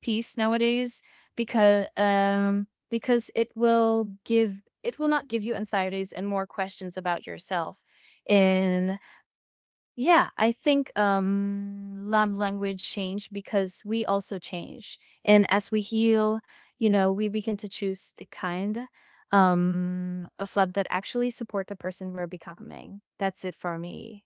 S2: piece nowadays, because it will not give you anxieties and more questions about yourself. And, yeah, I think love language change because we also change. And as we heal, we begin to choose the kind of love that actually support the person we're becoming. That's it for me.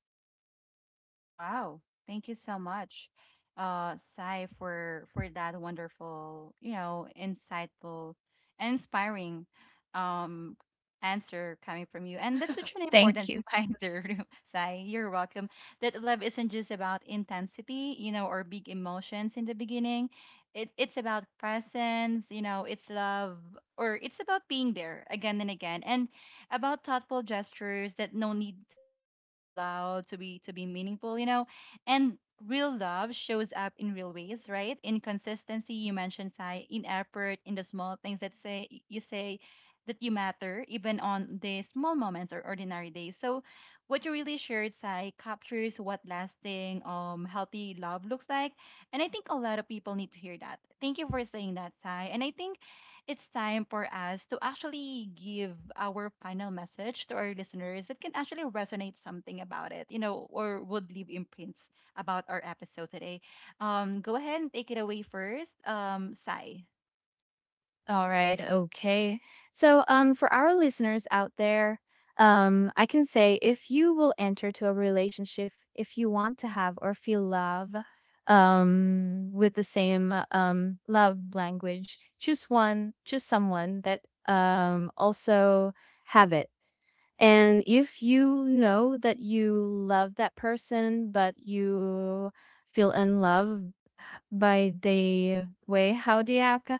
S1: Wow. Thank you so much, Sai, for that wonderful, you know, insightful and inspiring um answer coming from you. And that's such an
S2: Thank
S1: important
S2: you.
S1: reminder, Sai. You're welcome. That love isn't just about intensity, you know, or big emotions in the beginning. It's about presence, you know, it's love or it's about being there again and again. And about thoughtful gestures that no need to be so loud to be meaningful you know and real love shows up in real ways right in consistency you mentioned sai in effort in the small things that say you say that you matter even on the small moments or ordinary days so what you really shared sai captures what lasting healthy love looks like and I think a lot of people need to hear that thank you for saying that sai and I think it's time for us to actually give our final message to our listeners that can actually resonate something about it, you know, or would leave imprints about our episode today. Go ahead and take it away first, Sai.
S2: All right, okay. So, for our listeners out there, I can say, if you will enter to a relationship, if you want to have or feel love, with the same, love language, choose someone that also have it. And if you know that you love that person, but you feel in love, by the way, how do you act?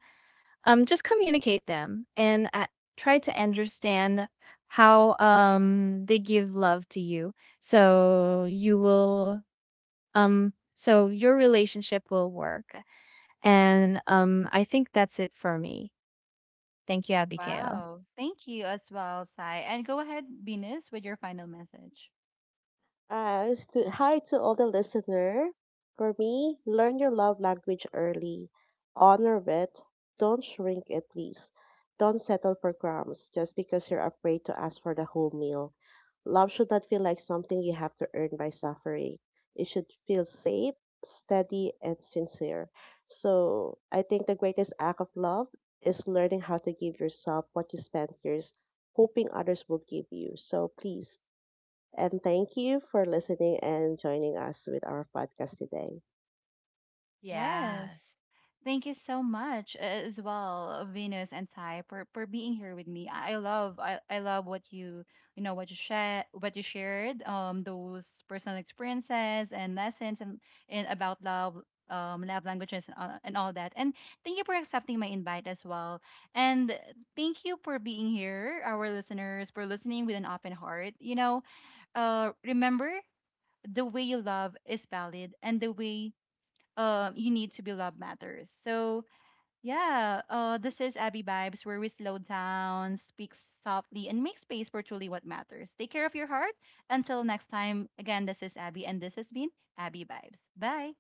S2: Just communicate them, and, try to understand how they give love to you. So you will so your relationship will work. And I think that's it for me. Thank you, Abigail.
S1: Wow. Thank you as well, Sai. And go ahead, Venus, with your final message.
S3: Hi to all the listener. For me, learn your love language early. Honor it. Don't shrink it, please. Don't settle for crumbs just because you're afraid to ask for the whole meal. Love should not feel like something you have to earn by suffering. It should feel safe, steady, and sincere. So I think the greatest act of love is learning how to give yourself what you spent years hoping others will give you. So please. And thank you for listening and joining us with our podcast today.
S1: Yes.
S2: Yes.
S1: Thank you so much as well, Venus and Sai, for being here with me. I love what you know what you share what you shared, those personal experiences and lessons and about love love languages and all that. And thank you for accepting my invite as well. And thank you for being here, our listeners, for listening with an open heart. You know, remember the way you love is valid and the way you need to be love matters. So yeah, this is Abby Vibes, where we slow down, speak softly, and make space for truly what matters. Take care of your heart. Until next time, again, this is Abby, and this has been Abby Vibes. Bye.